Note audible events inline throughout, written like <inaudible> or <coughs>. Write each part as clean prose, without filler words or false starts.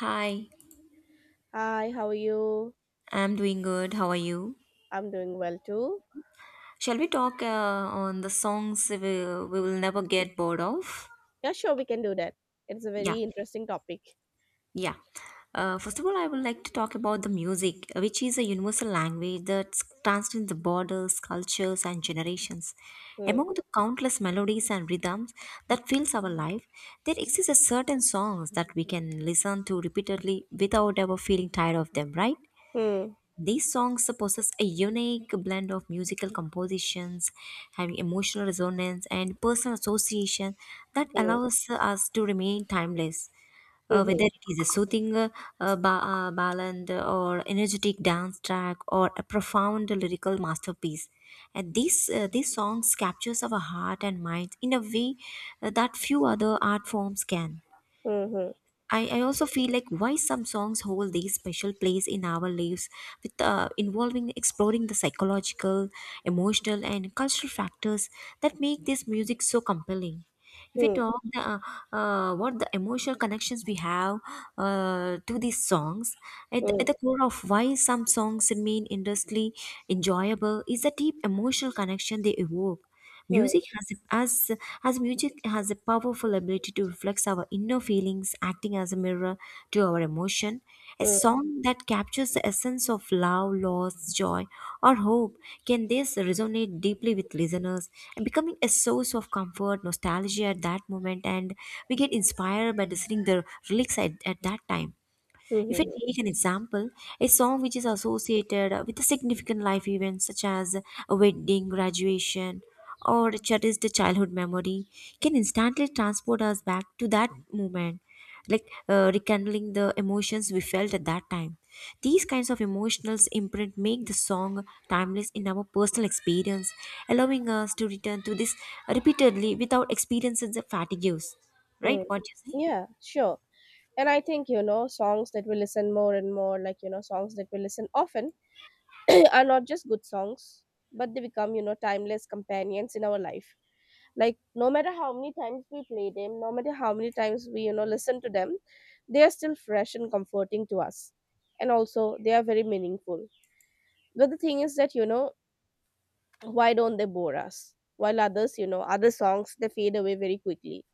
Hi, Hi, how are you? I'm doing good. How are you? I'm doing well too. Shall we talk on the songs we will never get bored of? Yeah, sure, we can do that. It's a Yeah, very interesting topic. yeah. First of all, I would like to talk about the music, which is a universal language that transcends the borders, cultures, and generations. Hmm. Among the countless melodies and rhythms that fills our life, there exists a certain songs that we can listen to repeatedly without ever feeling tired of them, right? Hmm. These songs possess a unique blend of musical compositions, having emotional resonance and personal association that Hmm. allows us to remain timeless. Hmm. Whether it is a soothing ballad or energetic dance track or a profound lyrical masterpiece, and these songs captures our heart and minds in a way that few other art forms can. Hmm. I also feel like why some songs hold these special place in our lives with involving exploring the psychological emotional and cultural factors that make this music so compelling if we Hmm. talk the, what the emotional connections we have to these songs at Hmm. the core of why some songs remain endlessly enjoyable is the deep emotional connection they evoke Hmm. Hmm. music has as as music has a powerful ability to reflect our inner feelings, acting as a mirror to our emotion. A Hmm. Hmm. song that captures the essence of love, loss, joy, or hope can this resonate deeply with listeners and becoming a source of comfort, nostalgia at that moment, and we get inspired by listening the lyrics at that time. Hmm. If I hmm, take an example, a song which is associated with a significant life event such as a wedding, graduation, or a cherished childhood memory can instantly transport us back to that moment, like rekindling the emotions we felt at that time. These kinds of emotional imprint make the song timeless in our personal experience, allowing us to return to this repeatedly without experiencing the fatigues. Right? hmm. What do you say? Yeah, sure. And I think, songs that we listen more and more, like, songs that we listen often <clears throat> are not just good songs, but they become timeless companions in our life. Like, no matter how many times we play them, no matter how many times we listen to them, they are still fresh and comforting to us, and also they are very meaningful. But the thing is that, why don't they bore us while others, other songs, they fade away very quickly?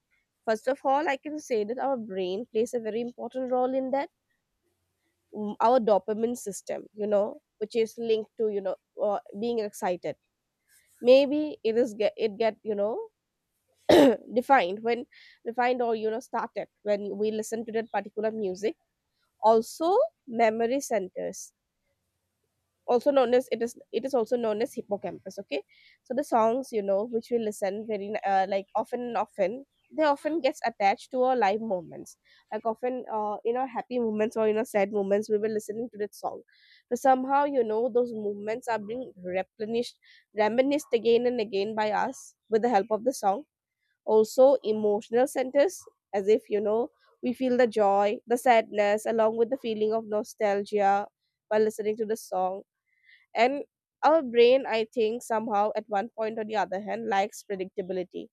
First of all, I can say that our brain plays a very important role in that. Our dopamine system, which is linked to, being excited, maybe it is get it get you know <clears throat> defined when defined, or started when we listen to that particular music. Also, memory centers, also known as it is also known as hippocampus, okay? So the songs, which we listen very, like, often and often, they often gets attached to our live moments. Like, often, in our happy moments or in our sad moments, we were listening to that song. So somehow, those moments are being replenished, reminisced again and again by us with the help of the song. Also, emotional centers, as if, we feel the joy, the sadness along with the feeling of nostalgia while listening to the song. And our brain, I think, somehow at one point or the other hand likes predictability.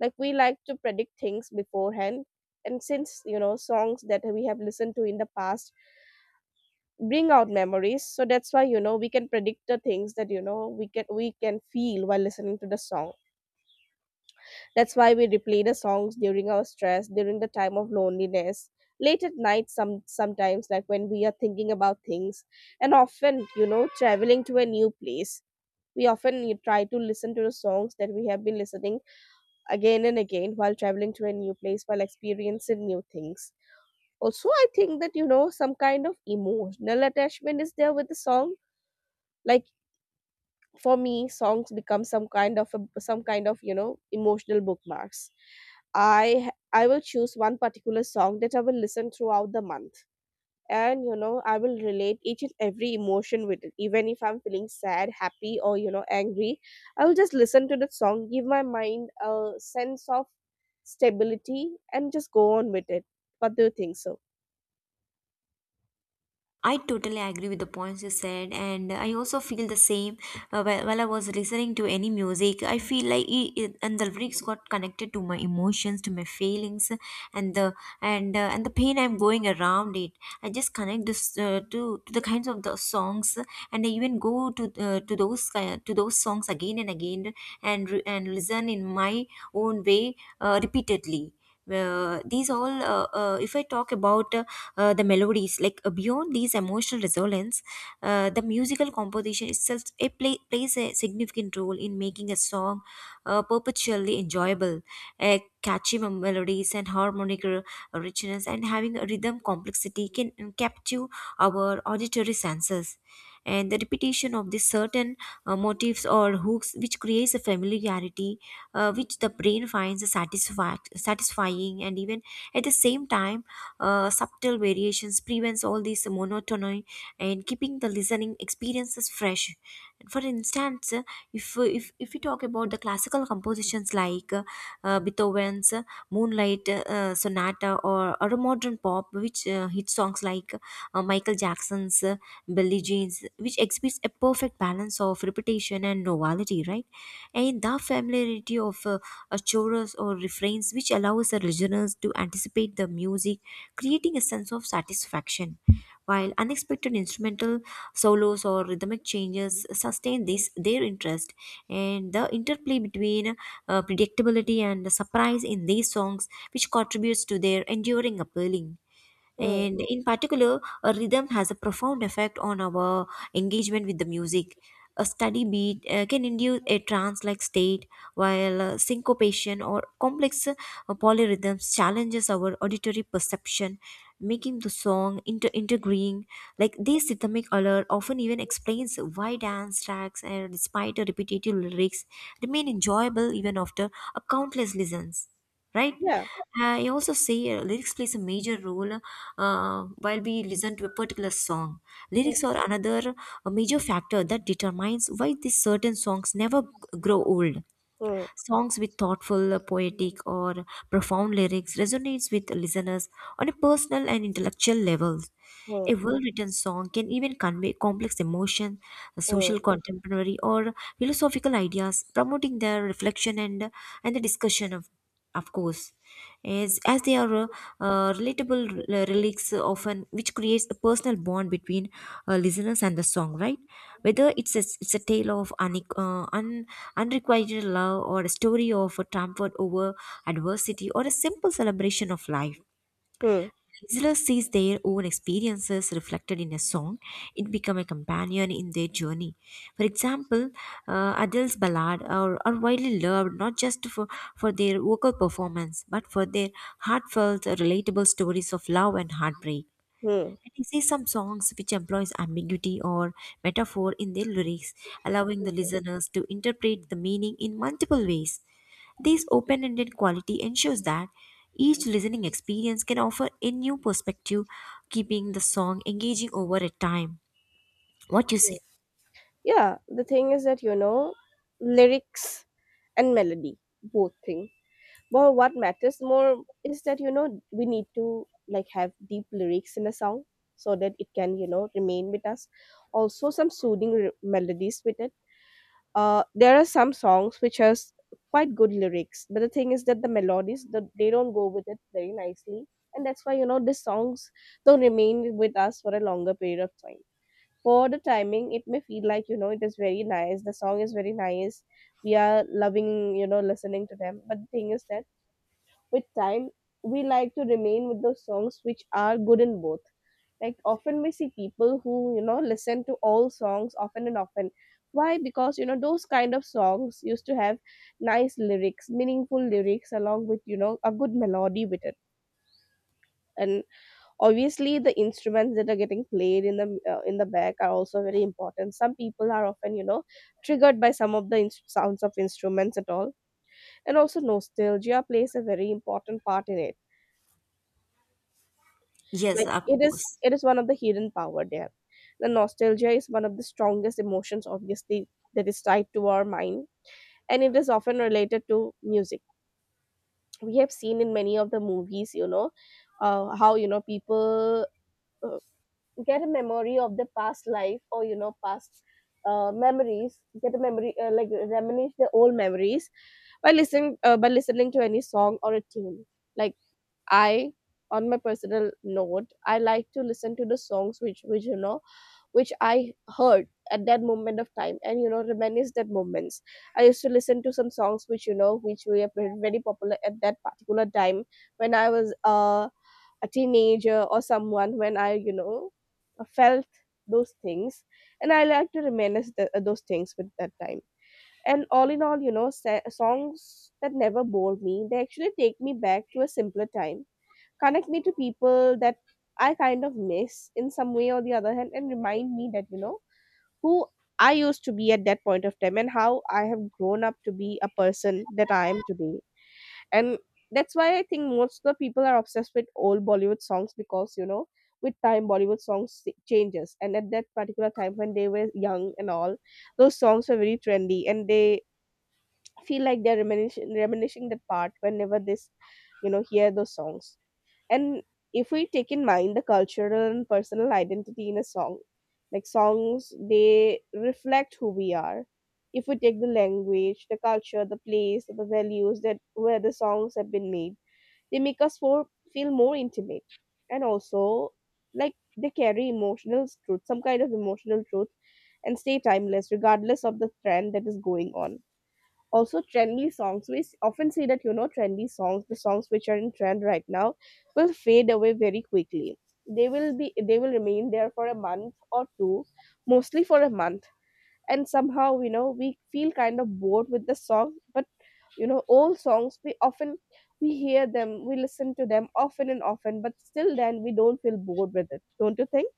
Like, we like to predict things beforehand, and since, songs that we have listened to in the past bring out memories, so that's why, we can predict the things that, we can feel while listening to the song. That's why we replay the songs during our stress, during the time of loneliness, late at night, sometimes, like when we are thinking about things. And often, traveling to a new place, we often try to listen to the songs that we have been listening again and again while traveling to a new place, while experiencing new things. Also, I think that, some kind of emotional attachment is there with the song. Like, for me, songs become some kind of emotional bookmarks. I will choose one particular song that I will listen throughout the month, and I will relate each and every emotion with it, even if I'm feeling sad, happy, or angry, I will just listen to the song, give my mind a sense of stability and just go on with it. What do you think so? I totally agree with the points you said, and I also feel the same. While I was listening to any music, I feel like and the lyrics got connected to my emotions, to my feelings, and the and the pain I'm going around it. I just connect this to the kinds of the songs, and I even go to to those songs again and again, and and listen in my own way repeatedly. These all, if I talk about the melodies like beyond these emotional resonance the musical composition itself plays a significant role in making a song perpetually enjoyable a catchy melodies and harmonic richness and having a rhythm complexity can capture our auditory senses and the repetition of these certain motifs or hooks which creates a familiarity which the brain finds satisfying and even at the same time subtle variations prevents all this monotony and keeping the listening experiences fresh. For instance, if we talk about the classical compositions like Beethoven's Moonlight Sonata or a modern pop, which hit songs like Michael Jackson's Billie Jean's, which exhibits a perfect balance of repetition and novelty, right? And the familiarity of a chorus or refrains, which allows the listeners to anticipate the music creating a sense of satisfaction, while unexpected instrumental solos or rhythmic changes sustain this their interest, and the interplay between predictability and surprise in these songs, which contributes to their enduring appealing. Hmm. And in particular, a rhythm has a profound effect on our engagement with the music. A steady beat can induce a trance like state, while syncopation or complex polyrhythms challenges our auditory perception, making the song intriguing. Like this rhythmic alert often even explains why dance tracks, despite the repetitive lyrics, remain enjoyable even after a countless listens right? Yeah. I also say lyrics plays a major role while we listen to a particular song. Hmm. Lyrics are another major factor that determines why these certain songs never g- grow old. Hmm. Songs with thoughtful, poetic, or profound lyrics resonates with listeners on a personal and intellectual level. Hmm. A well-written song can even convey complex emotion, Hmm. social contemporary, or philosophical ideas, promoting their reflection and the discussion of course as they are relatable lyrics often which creates a personal bond between listeners and the song right whether it's a tale of unrequited love or a story of a triumph over adversity or a simple celebration of life Hmm. listener sees their own experiences reflected in a song, it becomes a companion in their journey. For example, Adele's ballad are widely loved not just for their vocal performance but for their heartfelt, relatable stories of love and heartbreak. Hmm. And exist some songs which employs ambiguity or metaphor in their lyrics, allowing the listeners to interpret the meaning in multiple ways. This open-ended quality ensures that each listening experience can offer a new perspective, keeping the song engaging over a time. What you Hmm. say? Yeah, the thing is that, lyrics and melody, both thing. Well, what matters more is that, we need to, like, have deep lyrics in a song so that it can, remain with us. Also, some soothing melodies with it. There are some songs which has quite good lyrics, but the thing is that the melodies, they don't go with it very nicely. And that's why, the songs don't remain with us for a longer period of time. For the timing, it may feel like, it is very nice. The song is very nice. We are loving, listening to them. But the thing is that, with time, we like to remain with those songs which are good in both. Like, often we see people who, listen to all songs often and often. Why? Because, those kind of songs used to have nice lyrics, meaningful lyrics, along with, a good melody with it. And obviously, the instruments that are getting played in the back are also very important. Some people are often, triggered by some of the sounds of instruments at all. And also, nostalgia plays a very important part in it, like Yes, of it is course. it is one of the hidden power there. The nostalgia is one of the strongest emotions, obviously, that is tied to our mind, and it is often related to music. We have seen in many of the movies, how, people, uh, get a memory of the past life, or, past, memories, get a memory, like, reminisce the old memories by listening to any song or a tune. Like, I, on my personal note, I like to listen to the songs which you know which I heard at that moment of time and, reminisce that moments. I used to listen to some songs which you know which were very very popular at that particular time when I was, a teenager or someone, when I, felt those things, and I like to reminisce those things with that time. And all in all, songs that never bore me, they actually take me back to a simpler time, connect me to people that I kind of miss in some way or the other hand, and remind me that, who I used to be at that point of time and how I have grown up to be a person that I am today. And that's why I think most of the people are obsessed with old Bollywood songs because, with time, Bollywood songs changes. And at that particular time when they were young and all, those songs were very trendy, and they feel like they're reminiscing that part whenever this, hear those songs. And if we take in mind the cultural and personal identity in a song, like, songs, they reflect who we are. If we take the language, the culture, the place, the values that where the songs have been made, they make us feel more intimate. And also, like, they carry emotional truth, some kind of emotional truth, and stay timeless regardless of the trend that is going on. Also, trendy songs, we often see that, trendy songs, the songs which are in trend right now, will fade away very quickly. They will be, they will remain there for a month or two, mostly for a month, and somehow, we feel kind of bored with the song. But, old songs, we often, we hear them, we listen to them often and often, but still then we don't feel bored with it. Don't you think?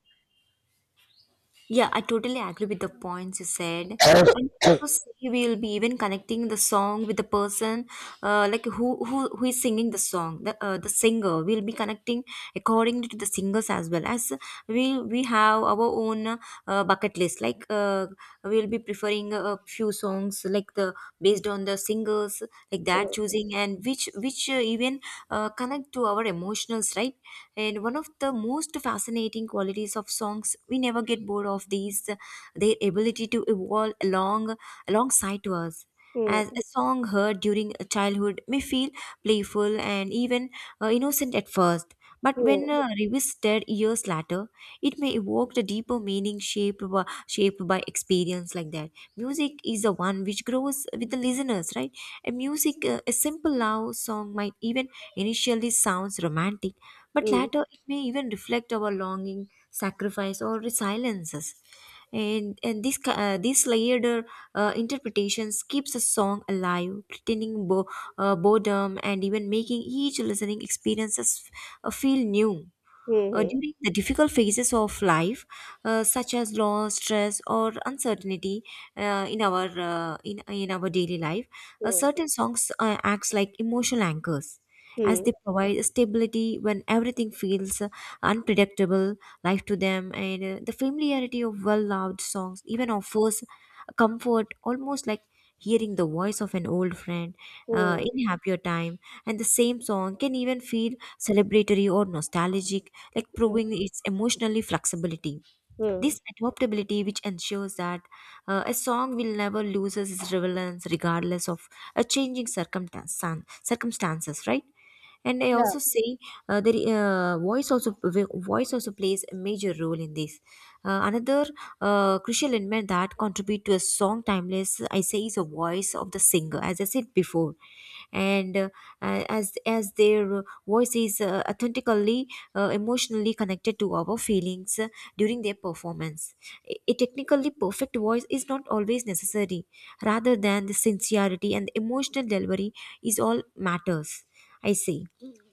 Yeah, I totally agree with the points you said. And also say we'll be even connecting the song with the person, like who is singing the song, the singer. We'll be connecting accordingly to the singers as well as we have our own bucket list. Like we'll be preferring a few songs like the based on the singers like that Mm, choosing and which even connect to our emotionals, right? And one of the most fascinating qualities of songs, we never get bored of these, their ability to evolve alongside to us. mm, As a song heard during a childhood may feel playful and even innocent at first, but mm, when revisited years later, it may evoke the deeper meaning shaped by experience like that. Music is the one which grows with the listeners, right? A music, a simple love song might even initially sounds romantic, but mm, later it may even reflect our longing, sacrifice, or silences. And this layered interpretations keeps a song alive, pretending boredom and even making each listening experiences feel new. Mm, During the difficult phases of life, such as loss, stress, or uncertainty in our daily life, mm, certain songs acts like emotional anchors, as mm, they provide stability when everything feels unpredictable. Life to them, and the familiarity of well-loved songs even offers comfort, almost like hearing the voice of an old friend mm, in happier time. And the same song can even feel celebratory or nostalgic, like mm, proving its emotionally flexibility. mm. This adaptability, which ensures that a song will never loses its relevance regardless of a circumstances, right? And I Yeah, also say the voice also plays a major role in this another crucial element that contribute to a song timeless I say is a voice of the singer as I said before and as their voice is authentically emotionally connected to our feelings during their performance a technically perfect voice is not always necessary rather than the sincerity and the emotional delivery is all matters I say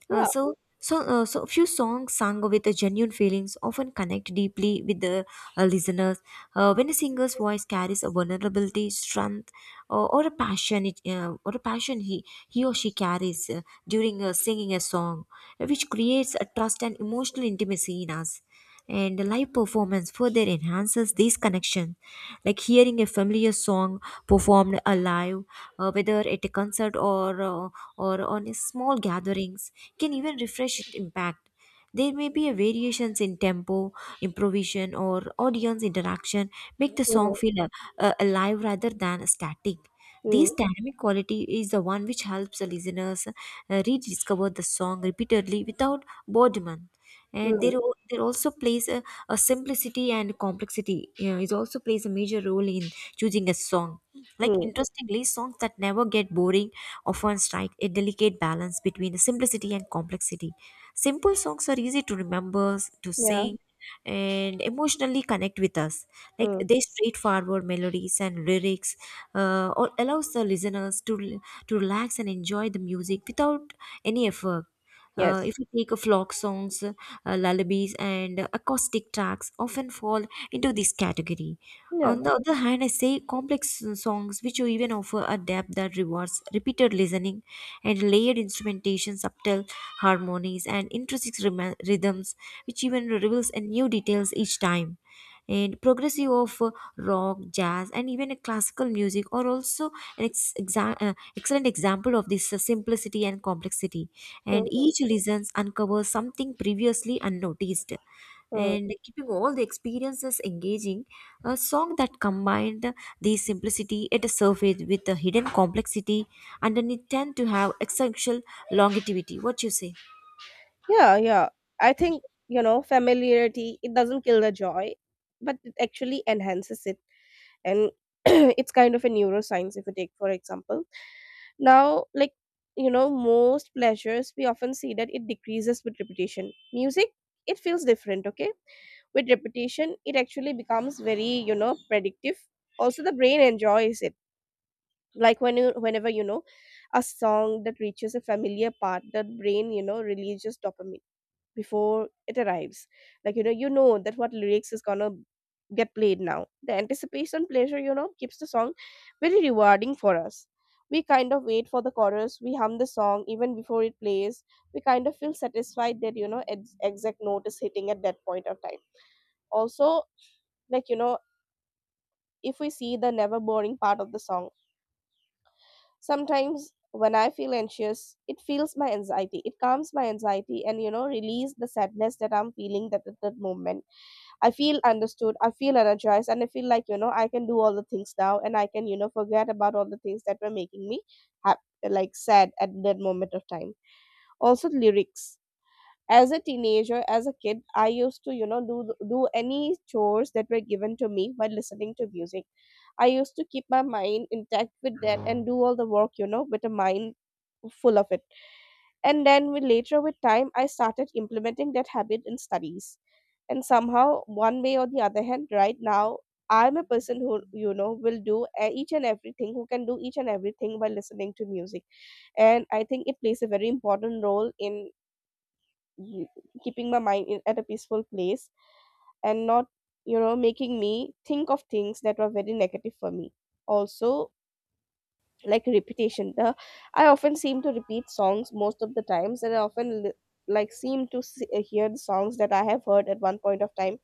yeah. So few songs sung with the genuine feelings often connect deeply with the listeners. When a singer's voice carries a vulnerability, strength, or a passion, or a passion he or she carries during singing a song, which creates a trust and emotional intimacy in us and the live performance further enhances these connections like hearing a familiar song performed alive whether at a concert or on a small gatherings can even refresh its impact there may be a variations in tempo improvisation or audience interaction make the Mm, song feel alive rather than static mm, this dynamic quality is the one which helps the listeners rediscover the song repeatedly without boredom and mm, there also plays a simplicity and complexity you know, it also plays a major role in choosing a song like mm. interestingly songs that never get boring often strike a delicate balance between the simplicity and complexity simple songs are easy to remember to Yeah. sing and emotionally connect with us like Mm. their straightforward melodies and lyrics allows the listeners to to relax and enjoy the music without any effort Yes. if you take a flock songs lullabies, and acoustic tracks often fall into this category. Yeah. On the other hand, I say complex songs which even offer a depth that rewards repeated listening and layered instrumentation, subtle harmonies, and intrinsic rhythms, which even reveals a new details each time. And progressive of rock, jazz, and even a classical music are also an excellent example of this simplicity and complexity. Mm, And each listens uncovers something previously unnoticed. mm. And keeping all the experiences engaging, a song that combined the simplicity at the surface with the hidden complexity underneath tend to have essential longevity. What you say? Yeah, yeah. I think, familiarity, it doesn't kill the joy, but it actually enhances it. And <clears throat> it's kind of a neuroscience if you take, for example. Now, like, most pleasures, we often see that it decreases with repetition. Music, it feels different, okay? With repetition, it actually becomes very, predictive. Also, the brain enjoys it, like, whenever you know a song that reaches a familiar part, the brain, releases dopamine before it arrives. Like, you know that what lyrics is gonna get played now. The anticipation pleasure, keeps the song very rewarding for us. We kind of wait for the chorus, we hum the song even before it plays, we kind of feel satisfied that, exact note is hitting at that point of time. Also, like, if we see the never boring part of the song. Sometimes when I feel anxious, it feels my anxiety. It calms my anxiety and, release the sadness that I'm feeling that at that moment. I feel understood. I feel energized, and I feel like, I can do all the things now, and I can, forget about all the things that were making me happy, like sad at that moment of time. Also lyrics. As a teenager, as a kid, I used to do any chores that were given to me by listening to music. I used to keep my mind intact with that and do all the work, with a mind full of it. And then, with later with time, I started implementing that habit in studies. And somehow, one way or the other hand, right now I'm a person who, will do each and everything, who can do each and everything by listening to music. And I think it plays a very important role in y- keeping my mind at a peaceful place, and not, making me think of things that were very negative for me. Also, like repetition. The I often seem to repeat songs most of the times, and I often like seem to hear the songs that I have heard at one point of time.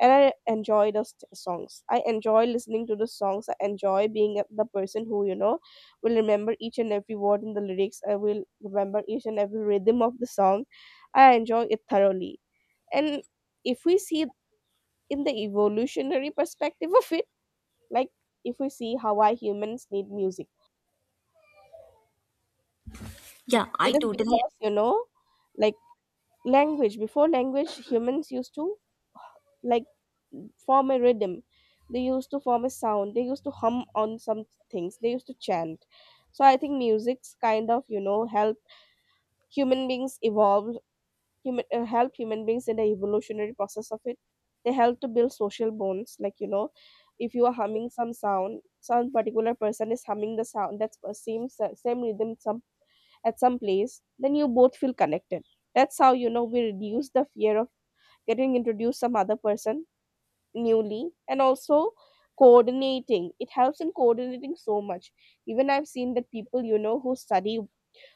And I enjoy those songs. I enjoy listening to the songs. I enjoy being the person who, will remember each and every word in the lyrics. I will remember each and every rhythm of the song. I enjoy it thoroughly. And if we see in the evolutionary perspective of it, like if we see how, why humans need music, it, Yeah, I it is totally because, like language. Before language, humans used to, like, form a rhythm. They used to form a sound. They used to hum on some things. They used to chant. So I think music's kind of, help human beings evolve. Human uh, help human beings in the evolutionary process of it. They help to build social bonds, like, if you are humming some sound, some particular person is humming the sound that's the same rhythm, some at some place, then you both feel connected. That's how, we reduce the fear of getting introduced some other person newly. And also coordinating, it helps in coordinating so much. Even I've seen that people, who study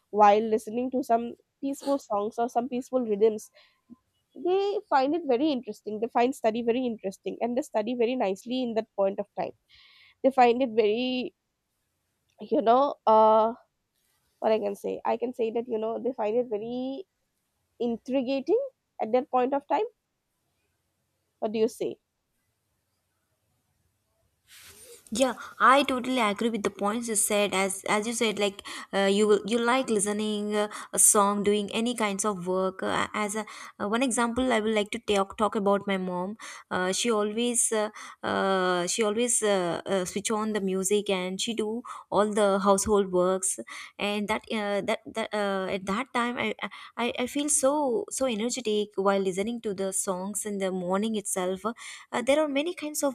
while listening to some peaceful songs or some peaceful rhythms, they find it very interesting. They find study very interesting, and they study very nicely in that point of time. They find it very, you know uh what I can say, I can say that, they find it very intriguing at that point of time. What do you say? Yeah, I totally agree with the points you said. As you said, like you will you like listening a song, doing any kinds of work. As one example, I would like to talk about my mom. Uh, she always uh, she always switch on the music and she do all the household works. And that that that at that time, I feel so energetic while listening to the songs in the morning itself. There are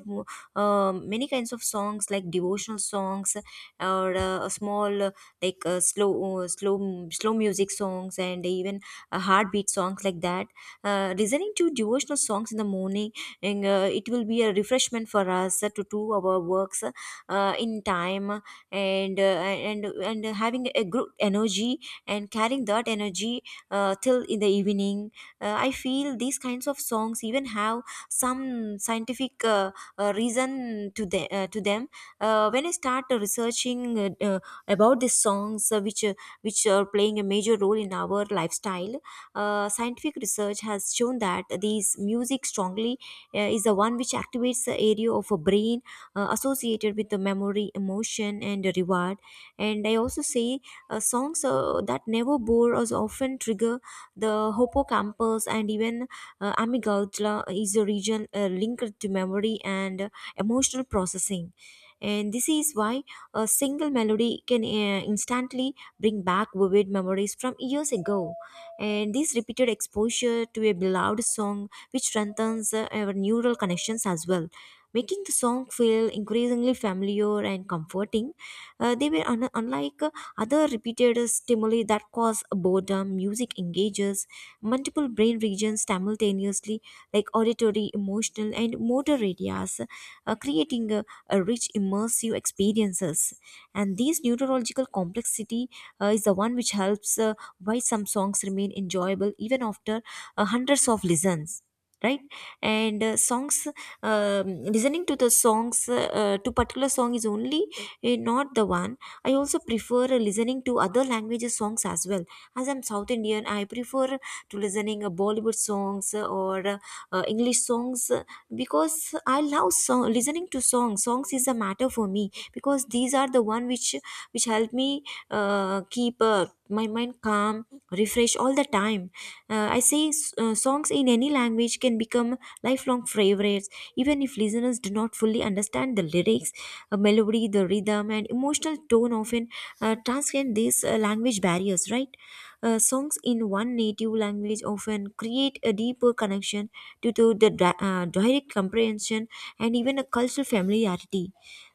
many kinds of songs like devotional songs or small slow slow music songs and even heartbeat songs like that. Listening to devotional songs in the morning, and it will be a refreshment for us to do our works in time, and uh, and having a good energy and carrying that energy till in the evening. I feel these kinds of songs even have some scientific reason to them. When I start researching about these songs, which are playing a major role in our lifestyle, scientific research has shown that these music strongly is the one which activates the area of a brain associated with the memory, emotion, and reward. And I also say songs that never bore us often trigger the hippocampus and even amygdala is a region linked to memory and emotional processing. And this is why a single melody can instantly bring back vivid memories from years ago. And this repeated exposure to a beloved song, which strengthens our neural connections as well, making the song feel increasingly familiar and comforting. Unlike other repeated stimuli that cause boredom, music engages multiple brain regions simultaneously, like auditory, emotional, and motor areas, creating a rich immersive experiences. And this neurological complexity is the one which helps why some songs remain enjoyable even after hundreds of listens, right? and Songs, listening to the songs, to particular song is only not the one. I also prefer listening to other languages songs as well. As I'm South Indian, I prefer to listening Bollywood songs or English songs, because I love song listening to songs. Songs is a matter for me because these are the one which help me keep my mind calm, refresh all the time. I say songs in any language can become lifelong favorites even if listeners do not fully understand the lyrics. Melody, the rhythm, and emotional tone often transcend these language barriers, right? Songs in one native language often create a deeper connection due to the direct comprehension and even a cultural familiarity.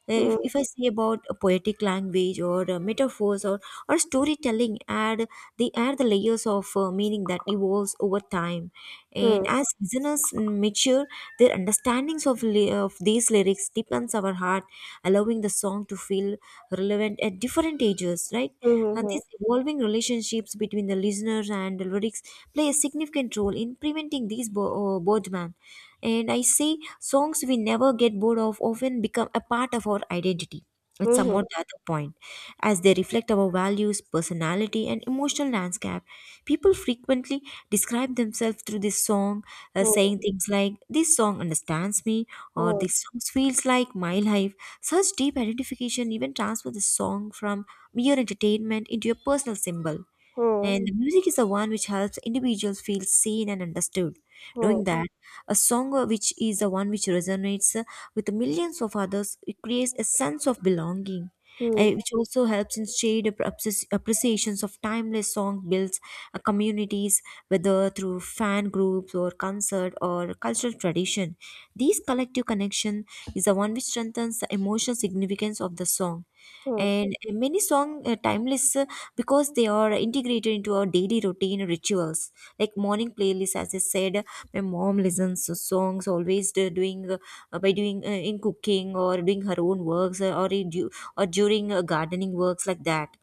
Uh, if, Hmm, if I say about a poetic language or metaphors, or storytelling, add they add the layers of meaning that evolves over time. hmm, And as listeners mature, their understandings of, of these lyrics deepens our heart, allowing the song to feel relevant at different ages, right? hmm, And hmm, these evolving relationships between the listeners and the lyrics play a significant role in preventing these boredom. And I say songs we never get bored of often become a part of our identity at hmm, some or hmm, the other point, as they reflect our values, personality, and emotional landscape. People frequently describe themselves through this song, hmm, hmm, saying things like, "This song understands me," or hmm, hmm, "This song feels like my life." Such deep identification even transfers the song from mere entertainment into a personal symbol. hmm, And the music is the one which helps individuals feel seen and understood. hmm. Knowing that a song which is the one which resonates with millions of others, it creates a sense of belonging, Hmm, which also helps in shared appreciations of timeless song builds communities, whether through fan groups or concert or cultural tradition. These collective connection is the one which strengthens the emotional significance of the song. hmm, And Many song timeless because they are integrated into our daily routine rituals like morning playlist. As I said, my mom listens to songs always, doing by doing, in cooking or doing her own works, or during gardening works like that.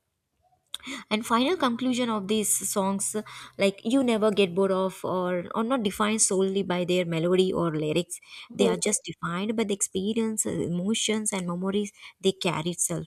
And final conclusion of these songs, like, you never get bored of, or not defined solely by their melody or lyrics. They hmm, are just defined by the experience, emotions, and memories they carry itself.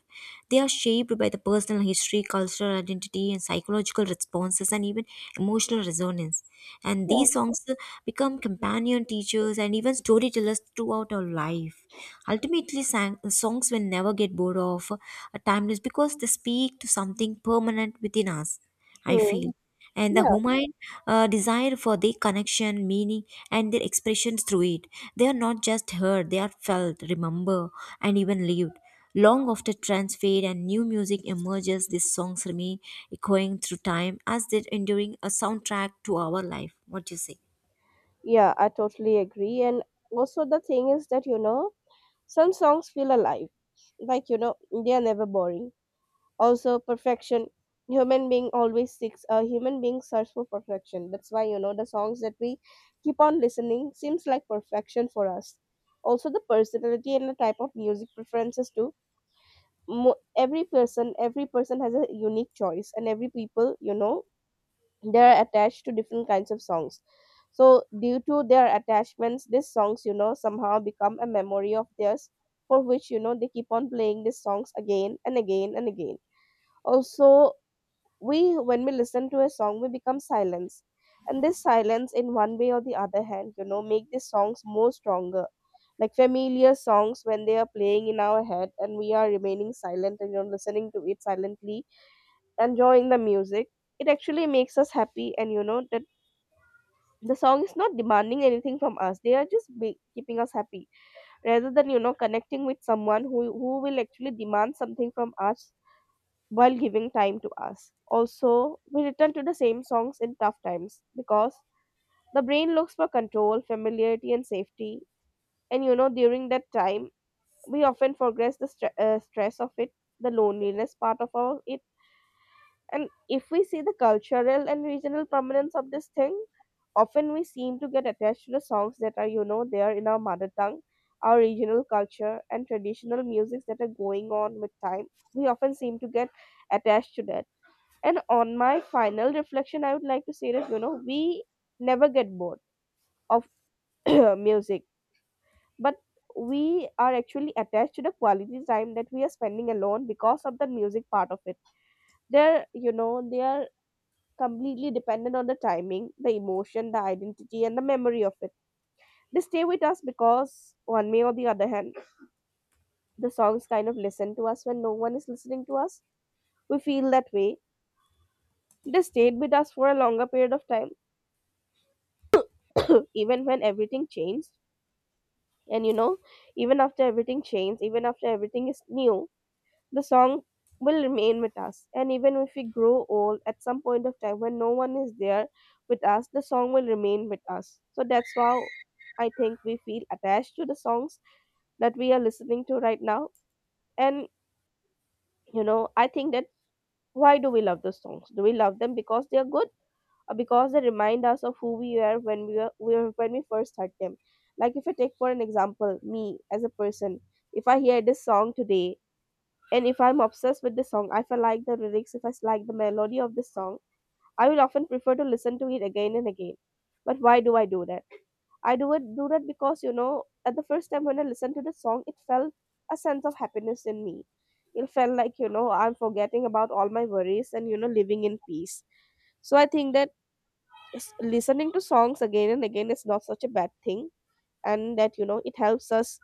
They are shaped by the personal history, cultural identity, and psychological responses, and even emotional resonance. And yeah, these songs become companion teachers and even storytellers throughout our life. Ultimately, songs will never get bored of, timeless because they speak to something permanent within us, I hmm, feel. And the yeah, human desire for their connection, meaning, and their expressions through it. They are not just heard, they are felt, remembered, and even lived. Long after trends fade and new music emerges, these songs remain echoing through time as they're enduring a soundtrack to our life. What do you say? yeah, I totally agree. And also, the thing is that, some songs feel alive. Like, you know, they are never boring. Also, perfection. Human being always seeks, a human being search for perfection. That's why, the songs that we keep on listening seems like perfection for us. Also, the personality and the type of music preferences too. Every person has a unique choice, and every people, they're attached to different kinds of songs. So due to their attachments, these songs, somehow become a memory of theirs, for which, they keep on playing these songs again and again and again. Also, we when we listen to a song, we become silence, and this silence, in one way or the other hand, make these songs more stronger. Like familiar songs, when they are playing in our head and we are remaining silent and you're listening to it silently, enjoying the music, it actually makes us happy. And the song is not demanding anything from us. They are just keeping us happy, rather than, connecting with someone who will actually demand something from us while giving time to us. Also, we return to the same songs in tough times because the brain looks for control, familiarity, and safety. And during that time, we often forget the stress of it, the loneliness part of our, it. And if we see the cultural and regional prominence of this thing, often we seem to get attached to the songs that are, there in our mother tongue, our regional culture, and traditional musics that are going on with time. We often seem to get attached to that. And on my final reflection, I would like to say that, we never get bored of <clears throat> music, but we are actually attached to the quality time that we are spending alone because of the music part of it. There, you know, there completely dependent on the timing, the emotion, the identity, and the memory of it. They stay with us because, one way or the other hand, the songs kind of listen to us when no one is listening to us. We feel that way. They stayed with us for a longer period of time, <coughs> even when everything changed. And, even after everything changed, even after everything is new, the song will remain with us. And even if we grow old at some point of time when no one is there with us, the song will remain with us. So that's how I think we feel attached to the songs that we are listening to right now. And, I think that why do we love those songs? Do we love them because they are good, or because they remind us of who we were when we were when we first heard them? Like if I take for an example, me as a person, if I hear this song today, and if I'm obsessed with the song, if I like the lyrics, if I like the melody of the song, I will often prefer to listen to it again and again. But why do I do that? I do that because, at the first time when I listened to the song, it felt a sense of happiness in me. It felt like, I'm forgetting about all my worries and, living in peace. So I think that listening to songs again and again is not such a bad thing, and that, it helps us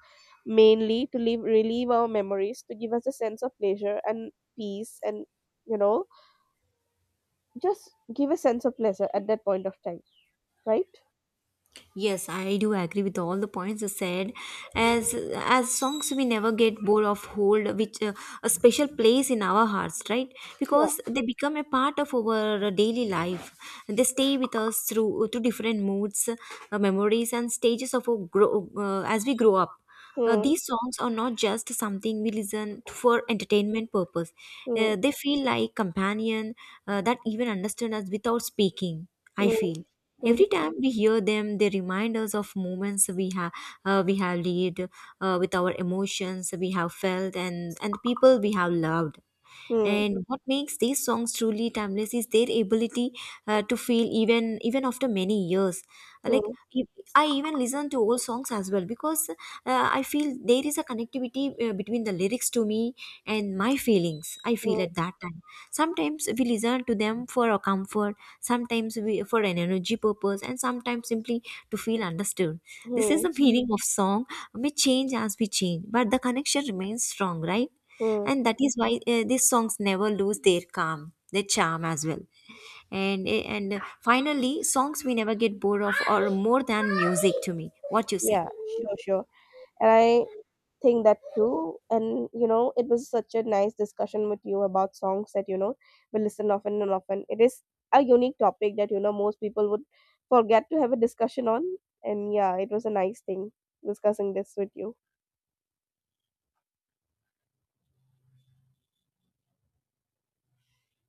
mainly to live relieve our memories, to give us a sense of pleasure and peace, and, you know just give a sense of pleasure at that point of time, right? Yes, I do agree with all the points you said. As songs, we never get bored of hold which a special place in our hearts, right? Yeah, Because they become a part of our daily life. They stay with us through different moods, memories, and stages of our grow as we grow up. Hmm, These songs are not just something we listen for entertainment purpose. hmm, They feel like companion that even understand us without speaking, I hmm, feel. hmm, Every time we hear them, they remind us of moments we have lived with our emotions we have felt, and the people we have loved. hmm, And what makes these songs truly timeless is their ability to feel even after many years. Uh, hmm, Like if- I even listen to old songs as well because I feel there is a connectivity between the lyrics to me and my feelings, I feel, hmm, at that time. Sometimes we listen to them for our comfort, sometimes we for an energy purpose, and sometimes simply to feel understood. This is hmm, the meaning of song may change as we change, but the connection remains strong, right? hmm. And that is why these songs never lose their calm, their charm as well. And and finally, songs we never get bored of or more than music to me. What you say? Yeah, sure, sure. And I think that too. And it was such a nice discussion with you about songs that, we listen often and often. It is a unique topic that, most people would forget to have a discussion on. And yeah, it was a nice thing discussing this with you.